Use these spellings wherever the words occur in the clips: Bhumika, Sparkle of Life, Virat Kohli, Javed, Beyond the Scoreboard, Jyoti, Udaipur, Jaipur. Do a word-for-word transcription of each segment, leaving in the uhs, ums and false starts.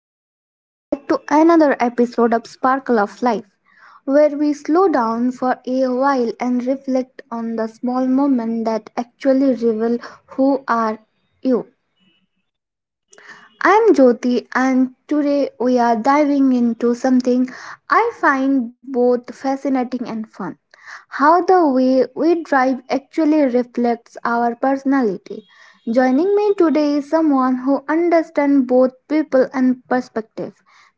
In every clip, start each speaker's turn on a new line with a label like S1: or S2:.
S1: everyone, welcome back to another episode of Sparkle of Life, where we slow down for a while and reflect on the small moments that actually reveal who are you. I'm Jyoti, and today we are diving into something I find both fascinating and fun how the way we drive actually reflects our personality. Joining me today is someone who understands both people and perspective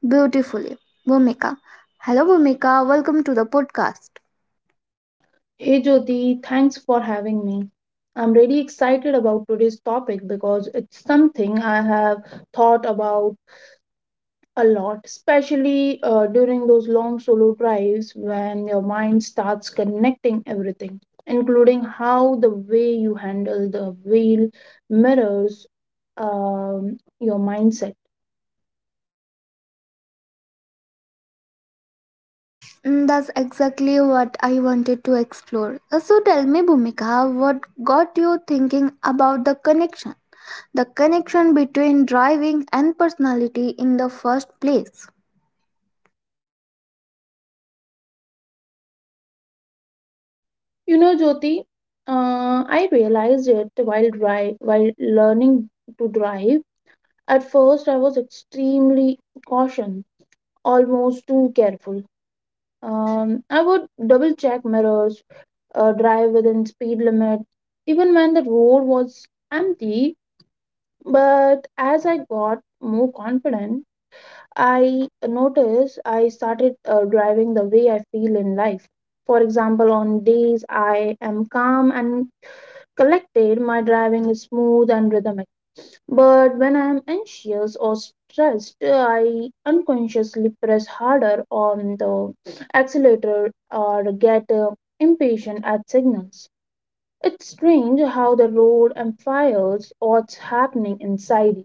S1: beautifully. Bhumika. Hello, Bhumika. Welcome to the podcast.
S2: Hey Jyoti, thanks for having me. I'm really excited about today's topic because it's something I have thought about a lot, especially uh, during those long solo drives when your mind starts connecting everything, including how the way you handle the wheel mirrors um, your mindset.
S1: Mm, that's exactly what I wanted to explore. Uh, So tell me, Bhumika, what got you thinking about the connection the connection between driving and personality in the first place.
S2: You know, Jyoti, uh, I realized it while dri- while learning to drive. At first, I was extremely cautious, almost too careful. Um, I would double check mirrors, uh, drive within speed limit, even when the road was empty. But as I got more confident, I noticed I started uh, driving the way I feel in life. For example, on days I am calm and collected, my driving is smooth and rhythmic. But when I am anxious or stressed, I unconsciously press harder on the accelerator or get uh, impatient at signals. It's strange how the road amplifies what's happening inside you.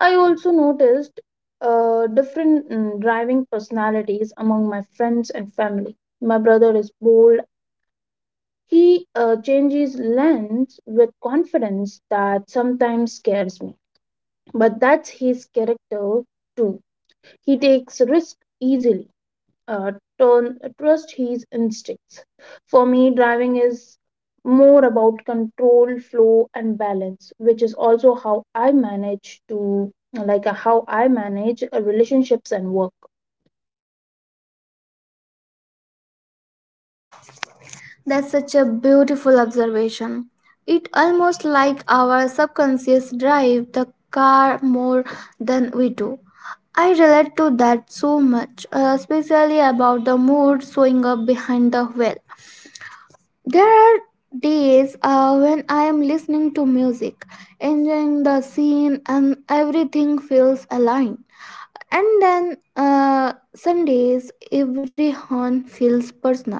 S2: I also noticed uh, different mm, driving personalities among my friends and family. My brother is bold. He uh, changes lanes with confidence that sometimes scares me, but that's his character too. He takes risk easily. Uh, Turn trust his instincts. For me, driving is more about control, flow, and balance, which is also how I manage to like uh, how I manage uh, relationships and work.
S1: That's such a beautiful observation. It almost like our subconscious drive the car more than we do. I relate to that so much, uh, especially about the mood showing up behind the wheel. There are days uh, when I am listening to music, enjoying the scene, and everything feels aligned. And then uh, some days every horn feels personal.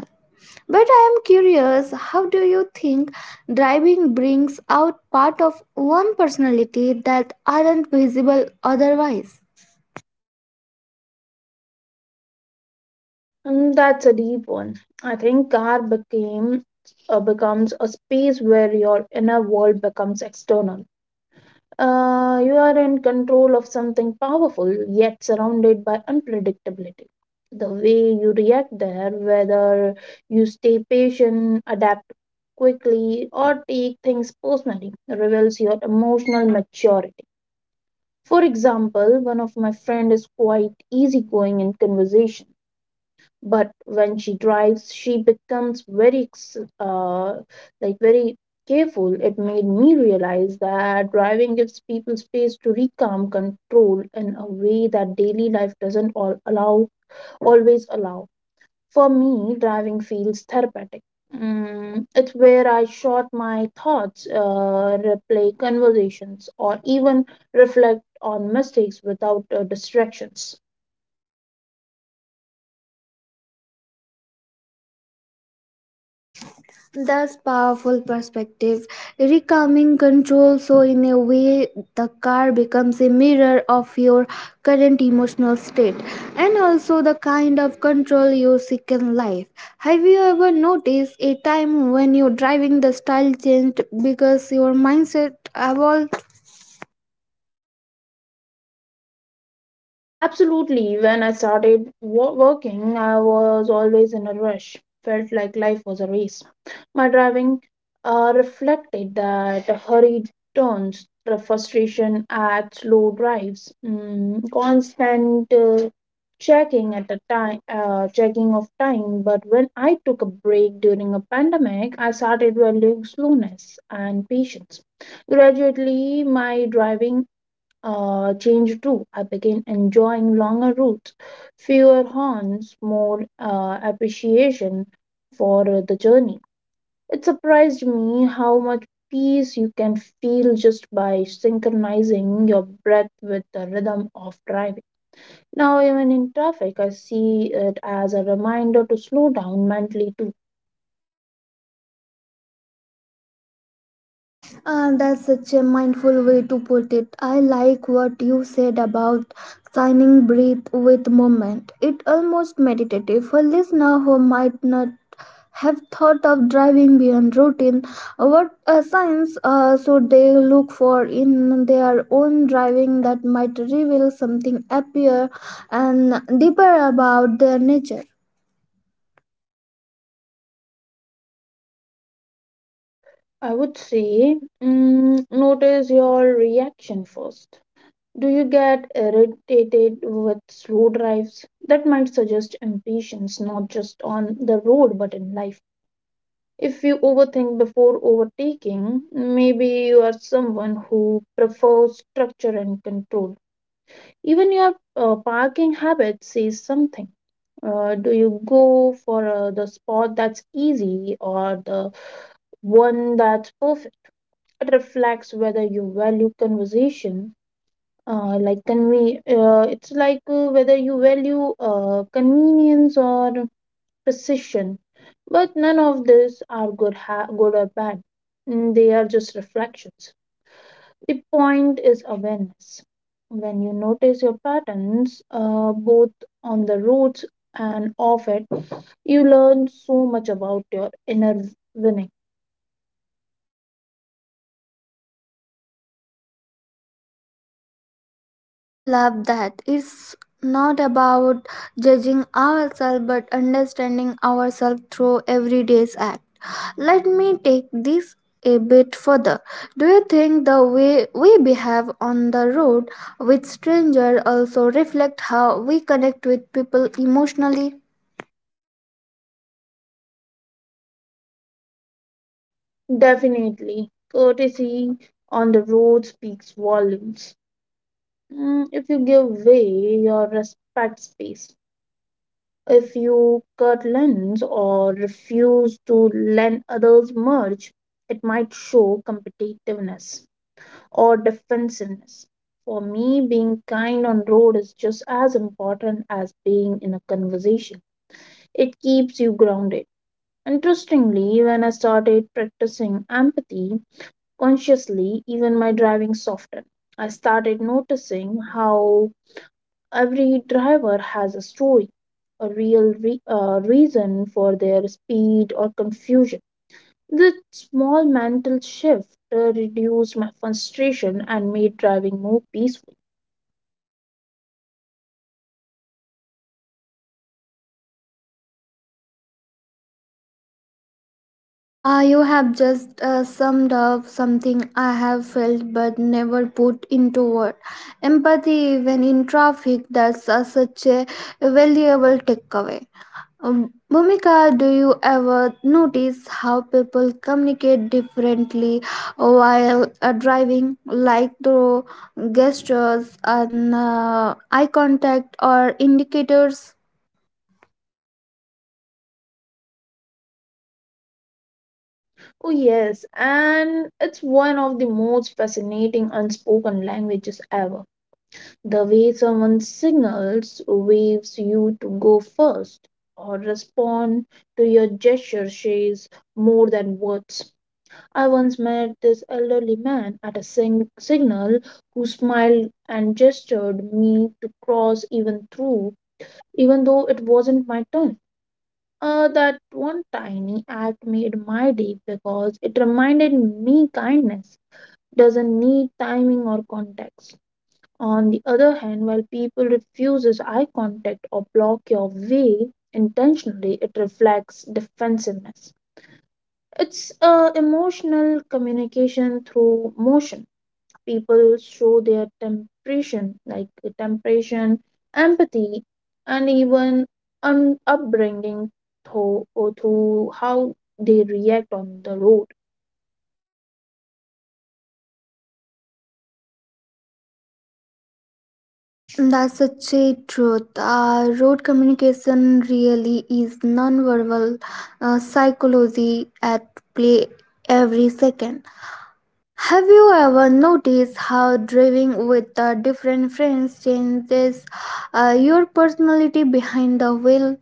S1: But I am curious, how do you think driving brings out part of one personality that aren't visible otherwise?
S2: And that's a deep one. I think car became uh, becomes a space where your inner world becomes external. Uh, you are in control of something powerful yet surrounded by unpredictability. The way you react there, whether you stay patient, adapt quickly, or take things personally, reveals your emotional maturity. For example, one of my friend is quite easygoing in conversation, but when she drives she becomes very ex- uh, like very careful. It made me realize that driving gives people space to reclaim control in a way that daily life doesn't all allow always allow. For me, driving feels therapeutic. Mm, it's where I short my thoughts, uh, replay conversations, or even reflect on mistakes without uh, distractions.
S1: That's powerful perspective. Reclaiming control, so in a way the car becomes a mirror of your current emotional state and also the kind of control you seek in life. Have you ever noticed a time when your driving the style changed because your mindset evolved?
S2: Absolutely. When I started wo- working, I was always in a rush, felt like life was a race. My driving uh, reflected that: hurried turns, the frustration at slow drives, mm, constant uh, checking at the time, uh, checking of time. But when I took a break during a pandemic, I started valuing slowness and patience. Gradually, my driving uh, change too. I began enjoying longer routes, fewer horns, more uh, appreciation for uh, the journey. It surprised me how much peace you can feel just by synchronizing your breath with the rhythm of driving. Now, even in traffic, I see it as a reminder to slow down mentally too.
S1: Uh, that's such a mindful way to put it. I like what you said about signing breath with movement. It almost meditative. For listener who might not have thought of driving beyond routine, what uh, signs uh, should they look for in their own driving that might reveal something happier and deeper about their nature?
S2: I would say, mm, notice your reaction first. Do you get irritated with slow drives? That might suggest impatience not just on the road but in life. If you overthink before overtaking, maybe you are someone who prefers structure and control. Even your uh, parking habit says something. Uh, do you go for uh, the spot that's easy or the one that's perfect? It reflects whether you value conversation uh, like conve- uh, it's like uh, whether you value uh, convenience or precision. But none of these are good ha- good or bad. Mm, they are just reflections. The point is awareness. When you notice your patterns, uh, both on the roots and off it, you learn so much about your inner winning.
S1: I love that. It's not about judging ourselves but understanding ourselves through everyday's act. Let me take this a bit further. Do you think the way we behave on the road with strangers also reflect how we connect with people emotionally?
S2: Definitely, courtesy on the road speaks volumes. Mm, if you give way, your respect space, if you cut lens or refuse to lend others merge, it might show competitiveness or defensiveness. For me, being kind on road is just as important as being in a conversation. It keeps you grounded. Interestingly, when I started practicing empathy consciously, even my driving softened. I started noticing how every driver has a story, a real re- uh, reason for their speed or confusion. That small mental shift uh, reduced my frustration and made driving more peaceful.
S1: Ah, you have just uh, summed up something I have felt but never put into words. Empathy, even in traffic, that's uh, such a valuable takeaway. Um, Bhumika, do you ever notice how people communicate differently while uh, driving, like through gestures and uh, eye contact or indicators?
S2: Oh, yes, and it's one of the most fascinating unspoken languages ever. The way someone signals, waves you to go first, or respond to your gesture says more than words. I once met this elderly man at a sing- signal who smiled and gestured me to cross even through even though it wasn't my turn. Uh, that one tiny act made my day because it reminded me kindness doesn't need timing or context. On the other hand, while people refuses eye contact or block your way intentionally, it reflects defensiveness. It's uh, emotional communication through motion. People show their temperation, like temperation, empathy, and even an upbringing through, or through how they react on the road.
S1: That's such a truth. Uh, road communication really is nonverbal uh, psychology at play every second. Have you ever noticed how driving with uh, different friends changes uh, your personality behind the wheel?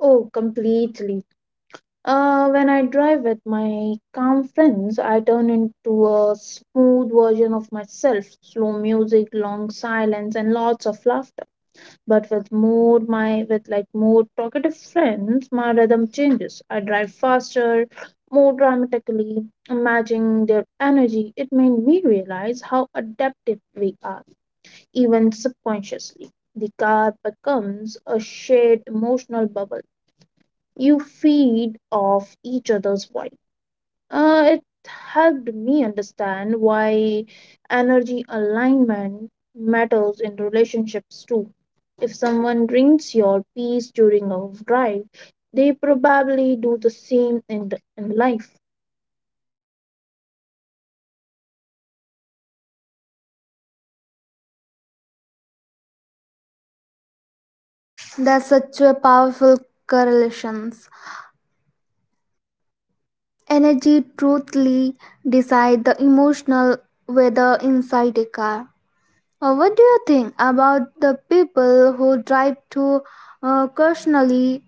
S2: Oh, completely. Uh, when I drive with my calm friends, I turn into a smooth version of myself. Slow music, long silence, and lots of laughter. But with more my with like more talkative friends, my rhythm changes. I drive faster, more dramatically, matching their energy. It made me realize how adaptive we are, even subconsciously. The car becomes a shared emotional bubble. You feed off each other's vibe. Uh, it helped me understand why energy alignment matters in relationships too. If someone drinks your peace during a drive, they probably do the same in, the, in life.
S1: That's such a powerful correlations. Energy truthfully decide the emotional weather inside a car. Uh, what do you think about the people who drive too uh, cautionally?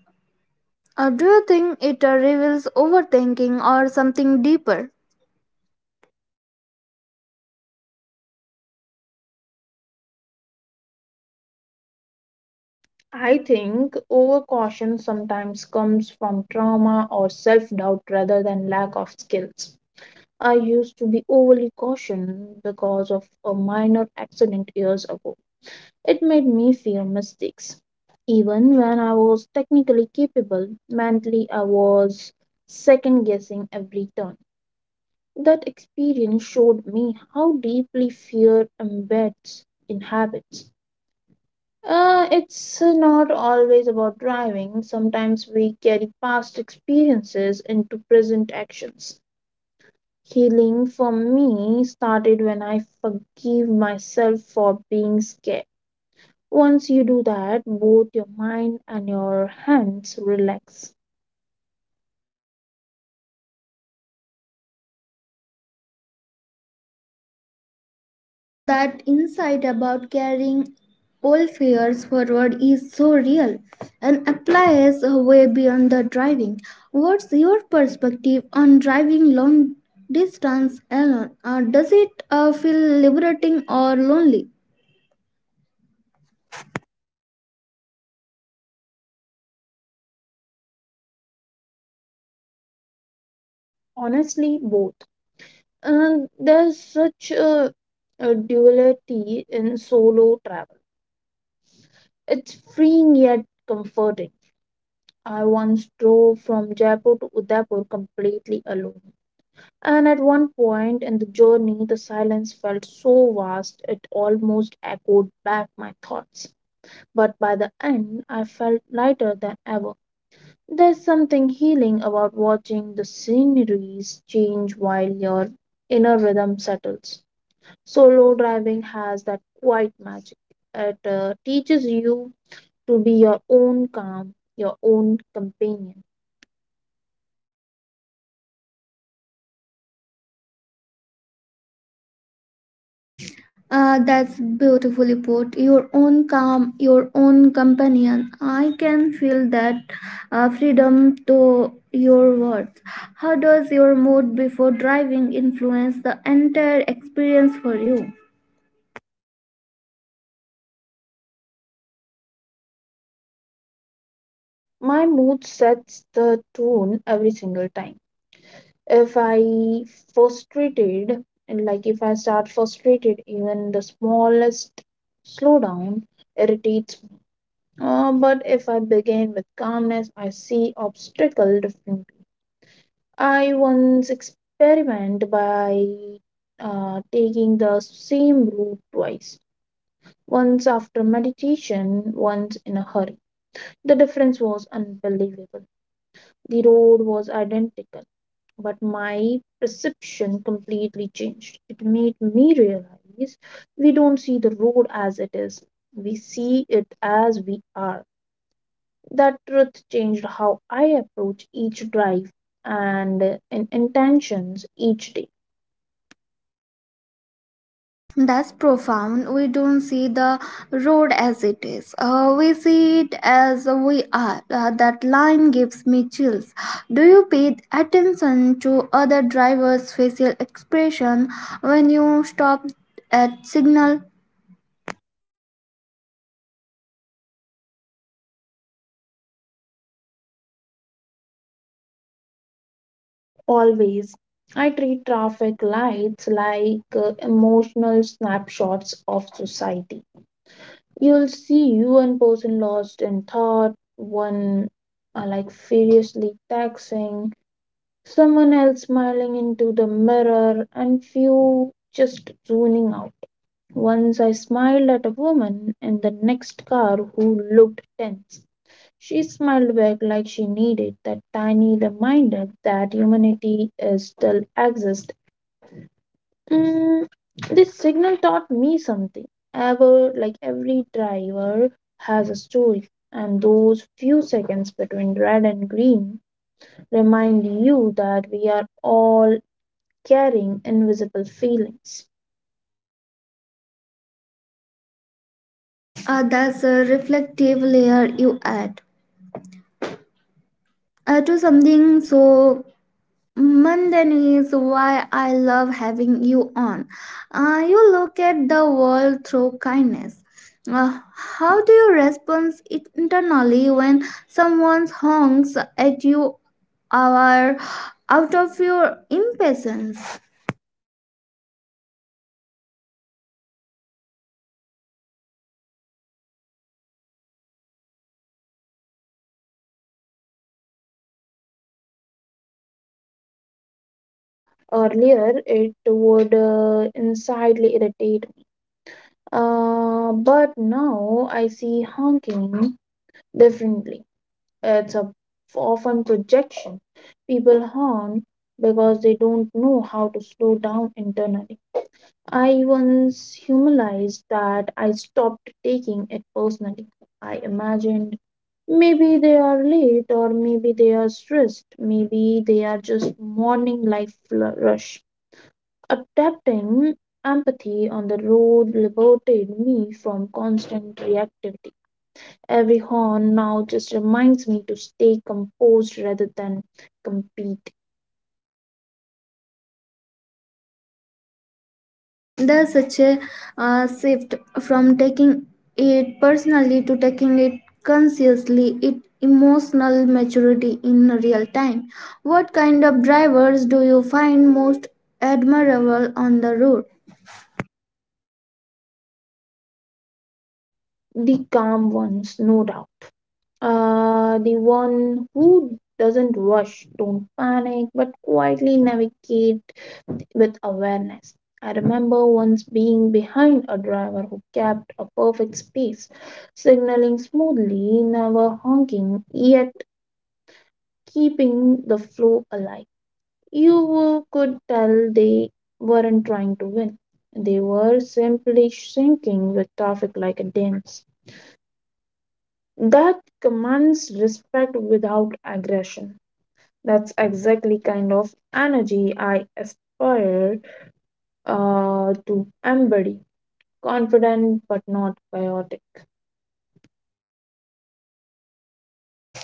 S1: Uh, do you think it uh, reveals overthinking or something deeper?
S2: I think overcaution sometimes comes from trauma or self doubt rather than lack of skills. I used to be overly cautious because of a minor accident years ago. It made me fear mistakes. Even when I was technically capable, mentally I was second guessing every turn. That experience showed me how deeply fear embeds in habits. Uh, it's not always about driving, sometimes we carry past experiences into present actions. Healing for me started when I forgave myself for being scared. Once you do that, both your mind and your hands relax.
S1: Mm, that insight about carrying old fears forward is so real and applies way beyond the driving. What's your perspective on driving long distance alone? Uh, does it uh, feel liberating or lonely?
S2: Honestly, both. And there's such a, a duality in solo travel. It's freeing yet comforting. I once drove from Jaipur to Udaipur completely alone. And at one point in the journey, the silence felt so vast it almost echoed back my thoughts. But by the end, I felt lighter than ever. There's something healing about watching the sceneries change while your inner rhythm settles. Solo driving has that quiet magic. It uh, teaches you to be your own calm, your own companion.
S1: Ah, that's beautifully put. Your own calm, your own companion. I can feel that uh, freedom to your words. How does your mood before driving influence the entire experience for you?
S2: My mood sets the tone every single time. If I frustrated, and like if I start frustrated, even the smallest slowdown irritates. Uh, but if I begin with calmness, I see obstacle differently. I once experiment by uh, taking the same route twice. Once after meditation, once in a hurry. The difference was unbelievable. The road was identical, but my perception completely changed. It made me realize we don't see the road as it is, we see it as we are. That truth changed how I approach each drive and uh, in intentions each day.
S1: That's profound. We don't see the road as it is. Uh, we see it as we are. Uh, that line gives me chills. Do you pay attention to other drivers' facial expression when you stop at signal?
S2: Always, I treat traffic lights like uh, emotional snapshots of society. You'll see one person lost in thought, one uh, like furiously texting, someone else smiling into the mirror, and few just zoning out. Once I smiled at a woman in the next car who looked tense. She smiled back like she needed that tiny reminder that humanity is still exists. Mm, this signal taught me something. Ever like every driver has a story, and those few seconds between red and green remind you that we are all carrying invisible feelings.
S1: Uh, that's a reflective layer you add uh, to something so Mandan is why I love having you on. Uh, you look at the world through kindness. Uh, how do you respond it internally when someone honks at you or out of your impatience?
S2: Earlier, it would uh, insanely irritate me. Uh, but now I see honking differently. It's a often projection. People honk because they don't know how to slow down internally. I once humanized that I stopped taking it personally. I imagined maybe they are late or maybe they are stressed, maybe they are just morning life fl- rush. Adapting empathy on the road liberated me from constant reactivity. Every horn now just reminds me to stay composed rather than compete.
S1: There's such a uh, shift from taking it personally to taking it consciously, it emotional maturity in real time. What kind of drivers do you find most admirable on the road?
S2: The calm ones, no doubt. Uh, the one who doesn't rush, don't panic, but quietly navigate with awareness. I remember once being behind a driver who kept a perfect space, signaling smoothly, never honking, yet keeping the flow alive. You could tell they weren't trying to win. They were simply syncing with traffic like a dance. That commands respect without aggression. That's exactly kind of energy I aspire uh, to embody. Confident but not chaotic.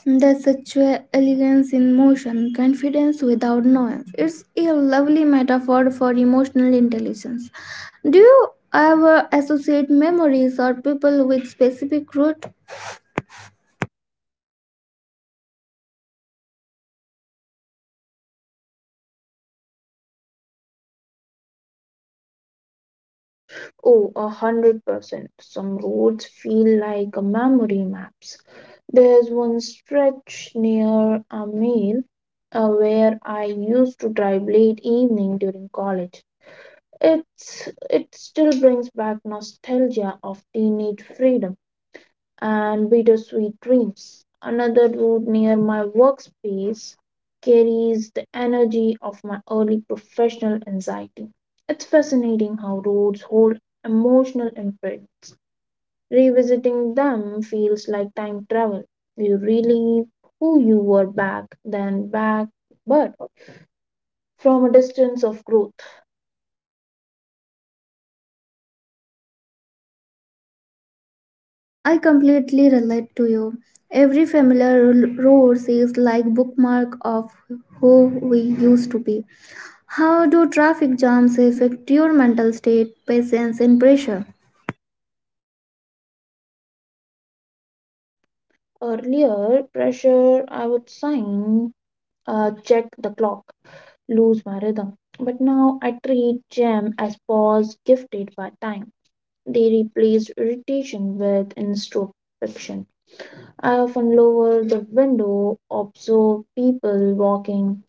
S1: There's such a elegance in motion, confidence without noise. It's a lovely metaphor for emotional intelligence. Do you ever associate memories or people with specific route?
S2: Oh, a hundred percent. Some roads feel like a memory maps. There's one stretch near a mill uh, where I used to drive late evening during college. It's it still brings back nostalgia of teenage freedom and Bittersweet Dreams. Another route near my workspace carries the energy of my early professional anxiety. It's fascinating how roads hold emotional imprints. Revisiting them feels like time travel. You relive who you were back then back but from a distance of growth.
S1: I completely relate to you. Every familiar r- road is like bookmark of who we used to be. How do traffic jams affect your mental state, patience, and pressure?
S2: Earlier pressure I would sign, uh, check the clock, lose my rhythm. But now I treat jam as pause gifted by time. They replace irritation with introspection. I often lower the window, observe people walking,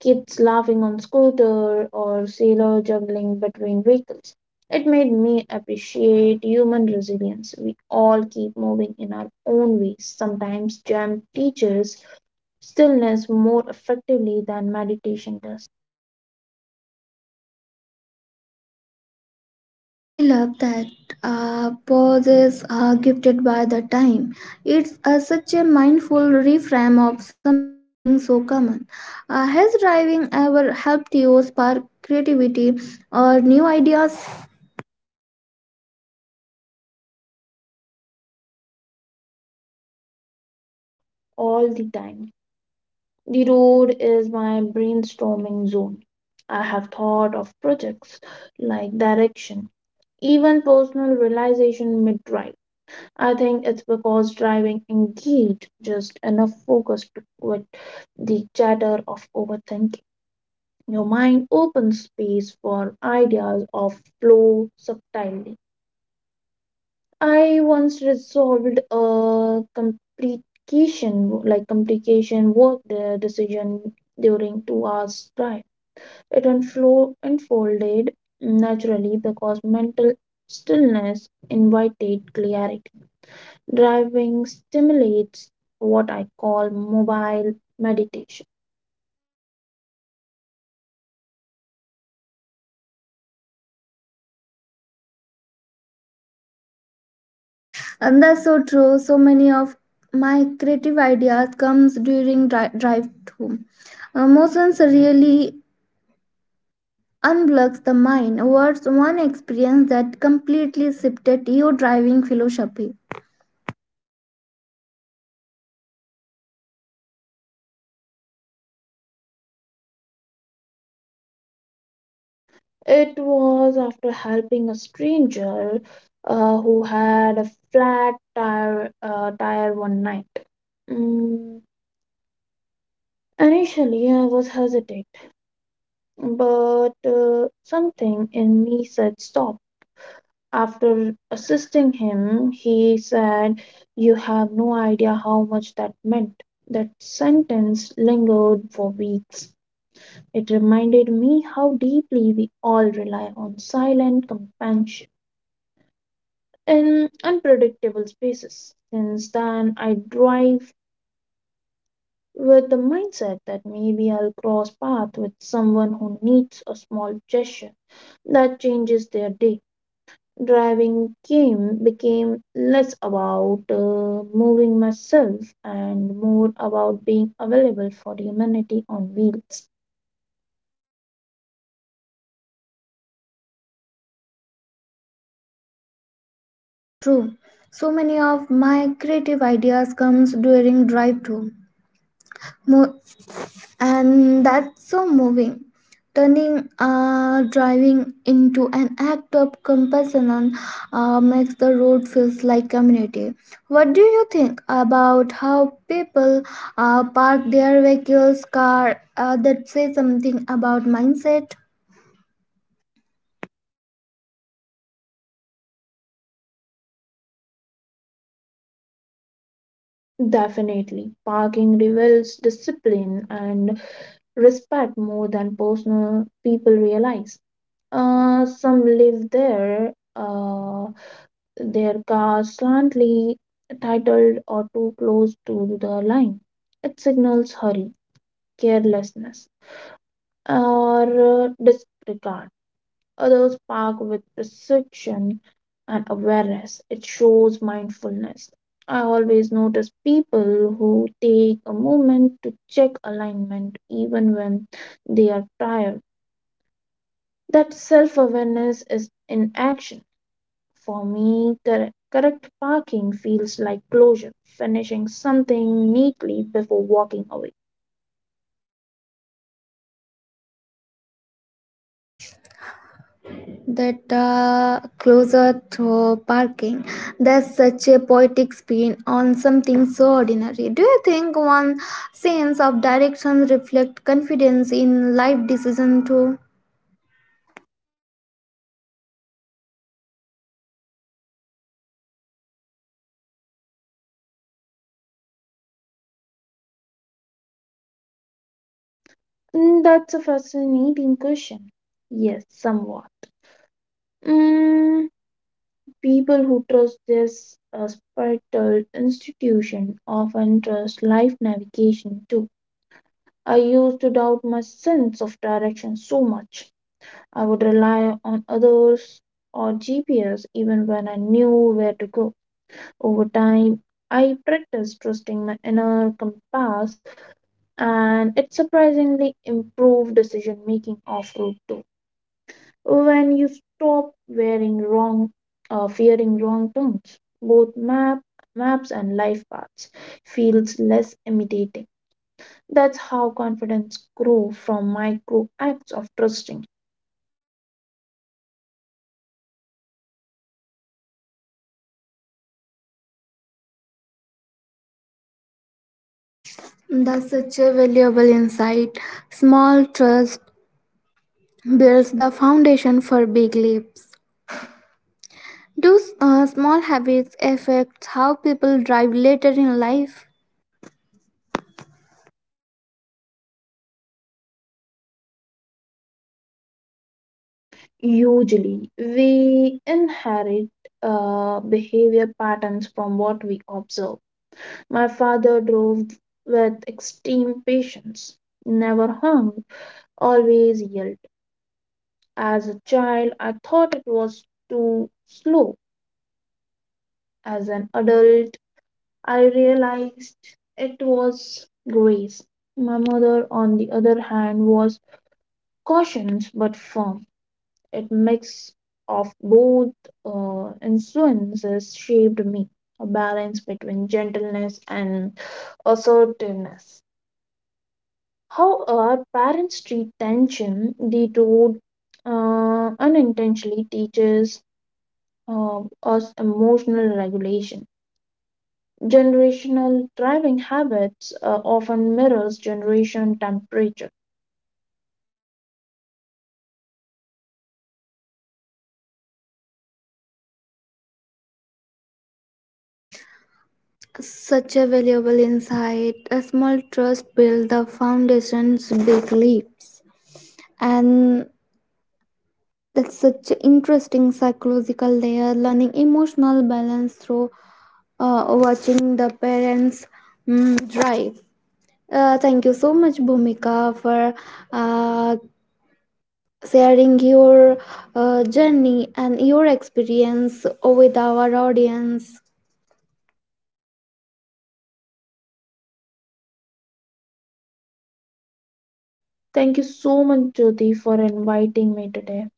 S2: kids laughing on scooter, or sailor juggling between vehicles. It made me appreciate human resilience. We all keep moving in our own ways. Sometimes jam teaches stillness more effectively than meditation does.
S1: I love that, uh, pauses are gifted by the time. It's uh, such a mindful reframe of something so common. Uh, has driving ever helped you spark creativity or new ideas?
S2: All the time. The road is my brainstorming zone. I have thought of projects like direction, even personal realization mid drive. I think it's because driving engaged just enough focus to quit the chatter of overthinking. Your mind opens space for ideas of flow subtlety. I once resolved a complication like complication work de- decision during two hours drive. It unflo- unfolded naturally because mental stillness invited clarity. Driving stimulates what I call mobile meditation.
S1: And that's so true, so many of my creative ideas comes during dri- drive home emotions really unblocks the mind. What's one experience that completely shifted your driving philosophy?
S2: It was after helping a stranger uh, who had a flat tire, uh, tire one night. Mm, initially, I was hesitant, but uh, something in me said stop. After assisting him, he said, "You have no idea how much that meant." That sentence lingered for weeks. It reminded me how deeply we all rely on silent companionship in unpredictable spaces. Since then, I drive with the mindset that maybe I'll cross paths with someone who needs a small gesture that changes their day. Driving came became less about uh, moving myself and more about being available for humanity on wheels.
S1: That's so true, so many of my creative ideas comes during drive home. Mo- and that's so moving. Turning uh, driving into an act of compassion, and, uh, makes the road feels like community. What do you think about how people uh, park their vehicles, car? Uh, that say something about mindset.
S2: Definitely, parking reveals discipline and respect more than personal people realize. Uh, some live there, uh, their cars slightly titled or too close to the line. It signals hurry, carelessness, or disregard. Others park with precision and awareness. It shows mindfulness. I always notice people who take a moment to check alignment even when they are tired. That self awareness is in action. For me, correct, correct parking feels like closure, finishing something neatly before walking away.
S1: That uh, closer to parking, that's such a poetic spin on something so ordinary. Do you think one sense of direction reflect confidence in life decision too?
S2: Mm, that's a fascinating question. Yes, somewhat. Mm, people who trust this uh, spiritual institution often trust life navigation too. I used to doubt my sense of direction so much. I would rely on others or G P S even when I knew where to go. Over time, I practiced trusting my inner compass and it surprisingly improved decision making off road too. When you stop wearing wrong, uh, fearing wrong turns, both map maps and life paths feels less intimidating. That's how confidence grow from micro acts of trusting.
S1: That's such a valuable insight. Small trust builds the foundation for big leaps. Do uh, small habits affect how people drive later in life?
S2: Usually we inherit uh, behavior patterns from what we observe. My father drove with extreme patience, never hung, always yelled. As a child I thought it was too slow. As an adult, I realized it was grace. My mother, on the other hand, was cautious but firm. It mix of both uh, influences shaped me, a balance between gentleness and assertiveness. How our parents treat tension, the road uh, unintentionally teaches uh, us emotional regulation. Generational driving habits uh, often mirrors generation temperature.
S1: Such a valuable insight. A small trust build the foundation's big leaps. And that's such an interesting psychological layer, learning emotional balance through uh, watching the parents mm, drive. Uh, thank you so much, Bhumika, for uh, sharing your uh, journey and your experience with our audience.
S2: Thank you so much, Jyoti, for inviting me today.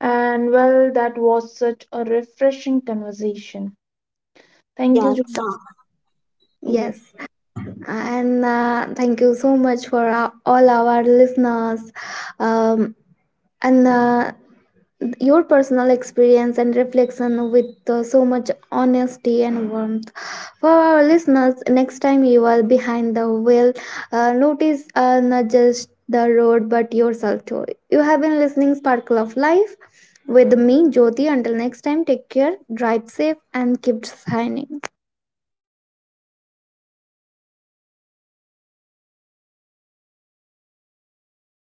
S2: And well, that was such a refreshing conversation.
S1: Ah,
S2: Thank you,
S1: yes.
S2: Jyoti.
S1: Yes.
S2: Yes.
S1: And uh, thank you so much for uh, all our listeners, um, and uh, your personal experience and reflection with uh, so much honesty and warmth. For our listeners, next time you are behind the wheel, uh, notice uh, not just the road but yourself too. You have been listening Sparkle of Life with me, Jyoti. Until next time, take care, drive safe, and keep shining.